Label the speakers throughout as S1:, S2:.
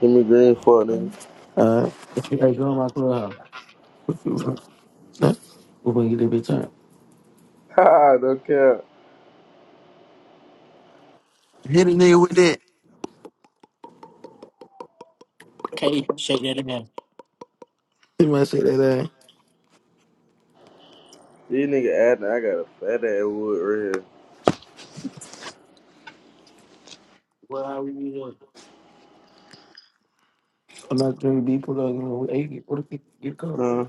S1: Give me Green for it, nigga.
S2: Uh, you gotta go in my clubhouse. Huh? We're gonna get that bitch out.
S1: Ha, don't care.
S3: Hit a nigga with that. K, shake that again.
S2: You might say that uh,
S1: These nigga adding, I got a fat ass wood right
S2: I'm not drinking B pull up, you know, hey, get- what if you get caught?
S1: here. Huh?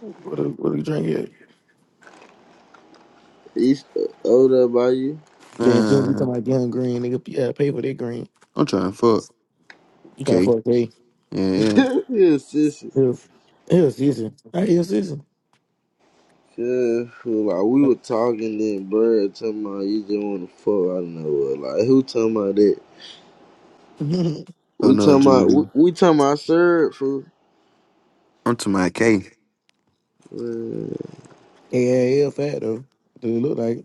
S2: What if, what if you drink it?
S1: East older by you.
S2: Then Jim be talking about young green, nigga, yeah, pay for that green. You trying to fuck hey.
S1: yeah, sissy.
S2: Hell, hell season. I hear season.
S1: Yeah, like we
S2: yeah,
S1: were talking then, bro, talking about you just want to fuck. I don't know what. Like who talking about that?
S3: Oh
S1: We
S3: no,
S1: talking about we,
S3: Jimmy.
S1: we talking about syrup, fool.
S3: I'm to my K.
S1: Man.
S2: hell fat though. Do it look like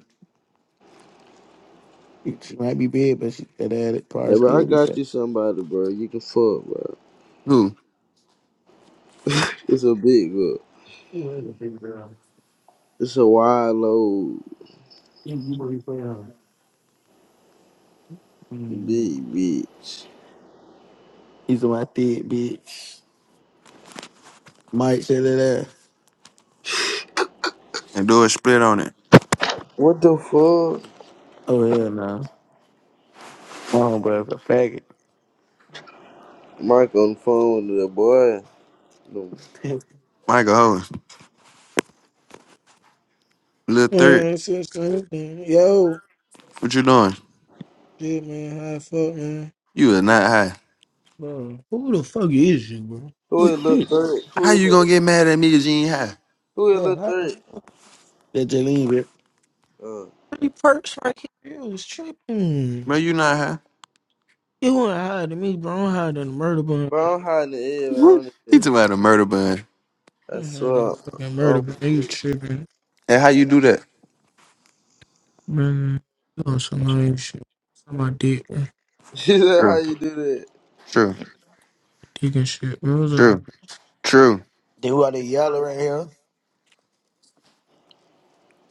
S2: it. She might be big, but she that ass probably
S1: Hey, bro, I
S2: still be
S1: got
S2: fat.
S1: you somebody, bro. You can fuck, bro.
S3: Who?
S1: It's a big girl.
S2: He's my
S1: It's a wide load, big bitch.
S2: thick bitch. Mike said that
S3: And do a split on it.
S1: What the fuck?
S2: Oh yeah, no. Oh, bro, a faggot.
S1: Mike on the phone with the boy. The-
S3: Michael Owens. Lil Third.
S4: Man, that's just kind of thing. Yo,
S3: What you doing?
S4: shit, man, how the fuck, man?
S3: You are not high.
S4: Bro, who the fuck is you, bro?
S1: Who is Lil Third?
S3: How
S1: Who is
S3: you gonna
S1: that?
S3: get mad at me? Cause you ain't high?
S1: Who is
S4: Bro,
S1: Lil
S4: how the
S1: Third?
S4: fuck?
S2: That Jaleen,
S1: Uh,
S4: Three perks right here. You was tripping.
S3: Bro, you not high.
S4: You want to hide in me, bro? I'm hiding in the murder bun.
S1: bro, I'm hiding the air, I
S3: Woo.
S1: don't
S3: he
S1: even.
S3: talking about a murder bun.
S1: I
S4: I'm hiding in
S1: swear,
S4: the fucking murder
S1: I'm
S4: bun.
S1: gonna
S4: You
S1: do it.
S4: tripping,
S3: And how you do that?
S4: man? You on some lame shit? On My dick, bro.
S1: She said, How
S3: True.
S1: you do that?
S3: True.
S4: Dick and shit. Bro, what's up?
S3: True.
S2: bro.
S3: True.
S2: Then why they yelling right here.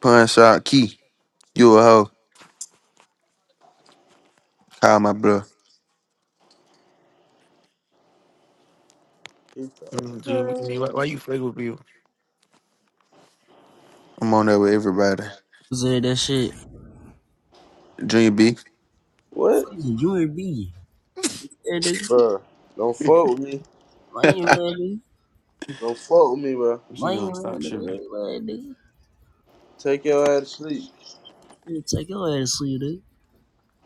S3: Punch out key. You a hoe. Call my bluff.
S1: He
S2: Mm, dude, I
S1: talking
S2: mean,
S1: crazy.
S2: why, why you fucking with people?
S3: I'm on that with everybody.
S5: Say that shit.
S3: Junior B.
S1: What?
S5: Fuck is you and me. Hey, nigga.
S1: Bro, don't fuck with me.
S5: Lame, man,
S3: what
S5: nigga.
S1: Don't fuck with me, bro.
S3: you
S5: Lame,
S3: doing?
S5: man,
S3: Stop
S5: nigga.
S3: shooting.
S5: Lame, nigga.
S1: Take your ass to sleep.
S5: Yeah, take your ass to sleep, nigga.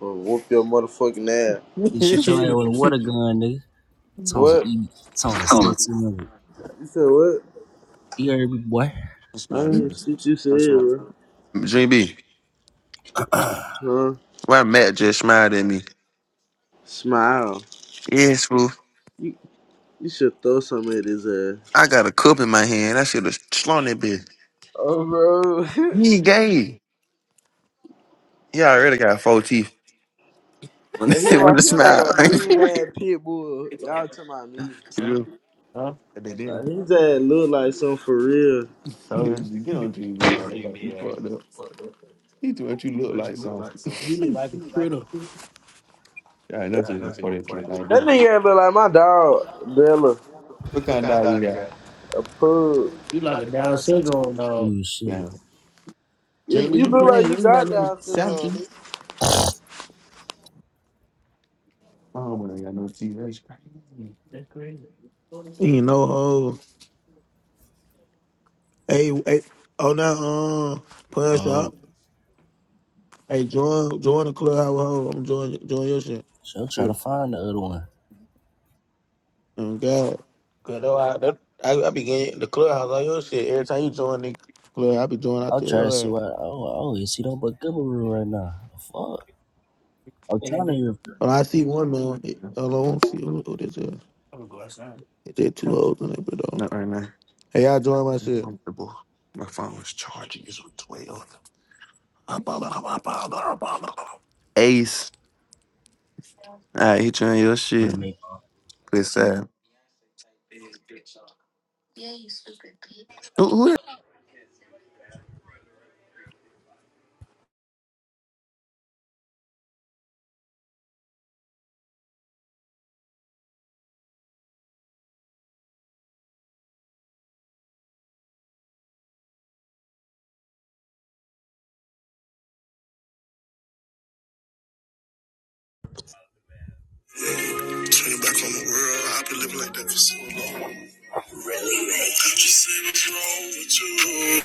S1: Or whoop your motherfucking ass.
S5: You shoot your ass with a water gun, nigga. Sounds like
S1: What?
S5: E. Sounds like
S1: Tell
S5: 1600.
S1: You said what?
S5: You heard me, boy?
S1: I didn't hear shit you said, bro.
S3: Junior B.
S1: Huh?
S3: Why Matt just smiled at me?
S1: Smile.
S3: Yes, fool.
S1: You, you should throw something at his ass.
S3: I got a cup in my hand. I should have slung that bitch.
S1: Oh, bro.
S3: He ain't gay. He already got four teeth. When
S1: He
S3: the when
S1: like
S3: the
S1: he like a
S3: smile.
S1: mean ass pit bull. Y'all talking about me?
S3: you
S2: huh?
S3: and they
S1: Like,
S3: didn't.
S1: his ass look like something for real.
S2: So,
S3: you get on TV, I got you fucked up. He's what you look like, something. You look like a critter. Yeah, I know you even for that drink like this.
S1: That nigga ain't look like my dog Bella,
S3: What kind of dog you got?
S1: a pug.
S5: Ooh, shit.
S3: Damn. Dream,
S1: You,
S3: but
S1: you
S3: you
S1: look like
S3: playing? You
S1: you
S3: ain't got
S1: got
S3: no
S1: Down syndrome.
S3: something. I don't want to got no TV.
S2: you know, oh, Hey, hey, oh now, um, punch up.
S5: Oh,
S2: Hey, join, join the clubhouse. Ho. I'm join, join your shit.
S5: she'll try
S3: Yeah,
S5: to find the other one.
S2: oh, God. Cause though I, that, I, I be getting the clubhouse all your shit every time you join the club. I be joining out
S5: I'll
S2: there.
S5: try to see
S2: yo.
S5: why. Oh, oh, you see that but good room right now. The fuck? I'm trying to hear. if I
S2: Well, I see one man. Hello, I don't see who who this is. He did two hoes in it, but though.
S3: Not right now.
S2: Hey, y'all join my shit.
S3: Ace. All right, hit you on your
S5: Want to
S3: shit.
S5: make
S3: Good side. Who, who
S6: Turning back on the world, I've been living like that for so long. Really, man? Just said I drove with you.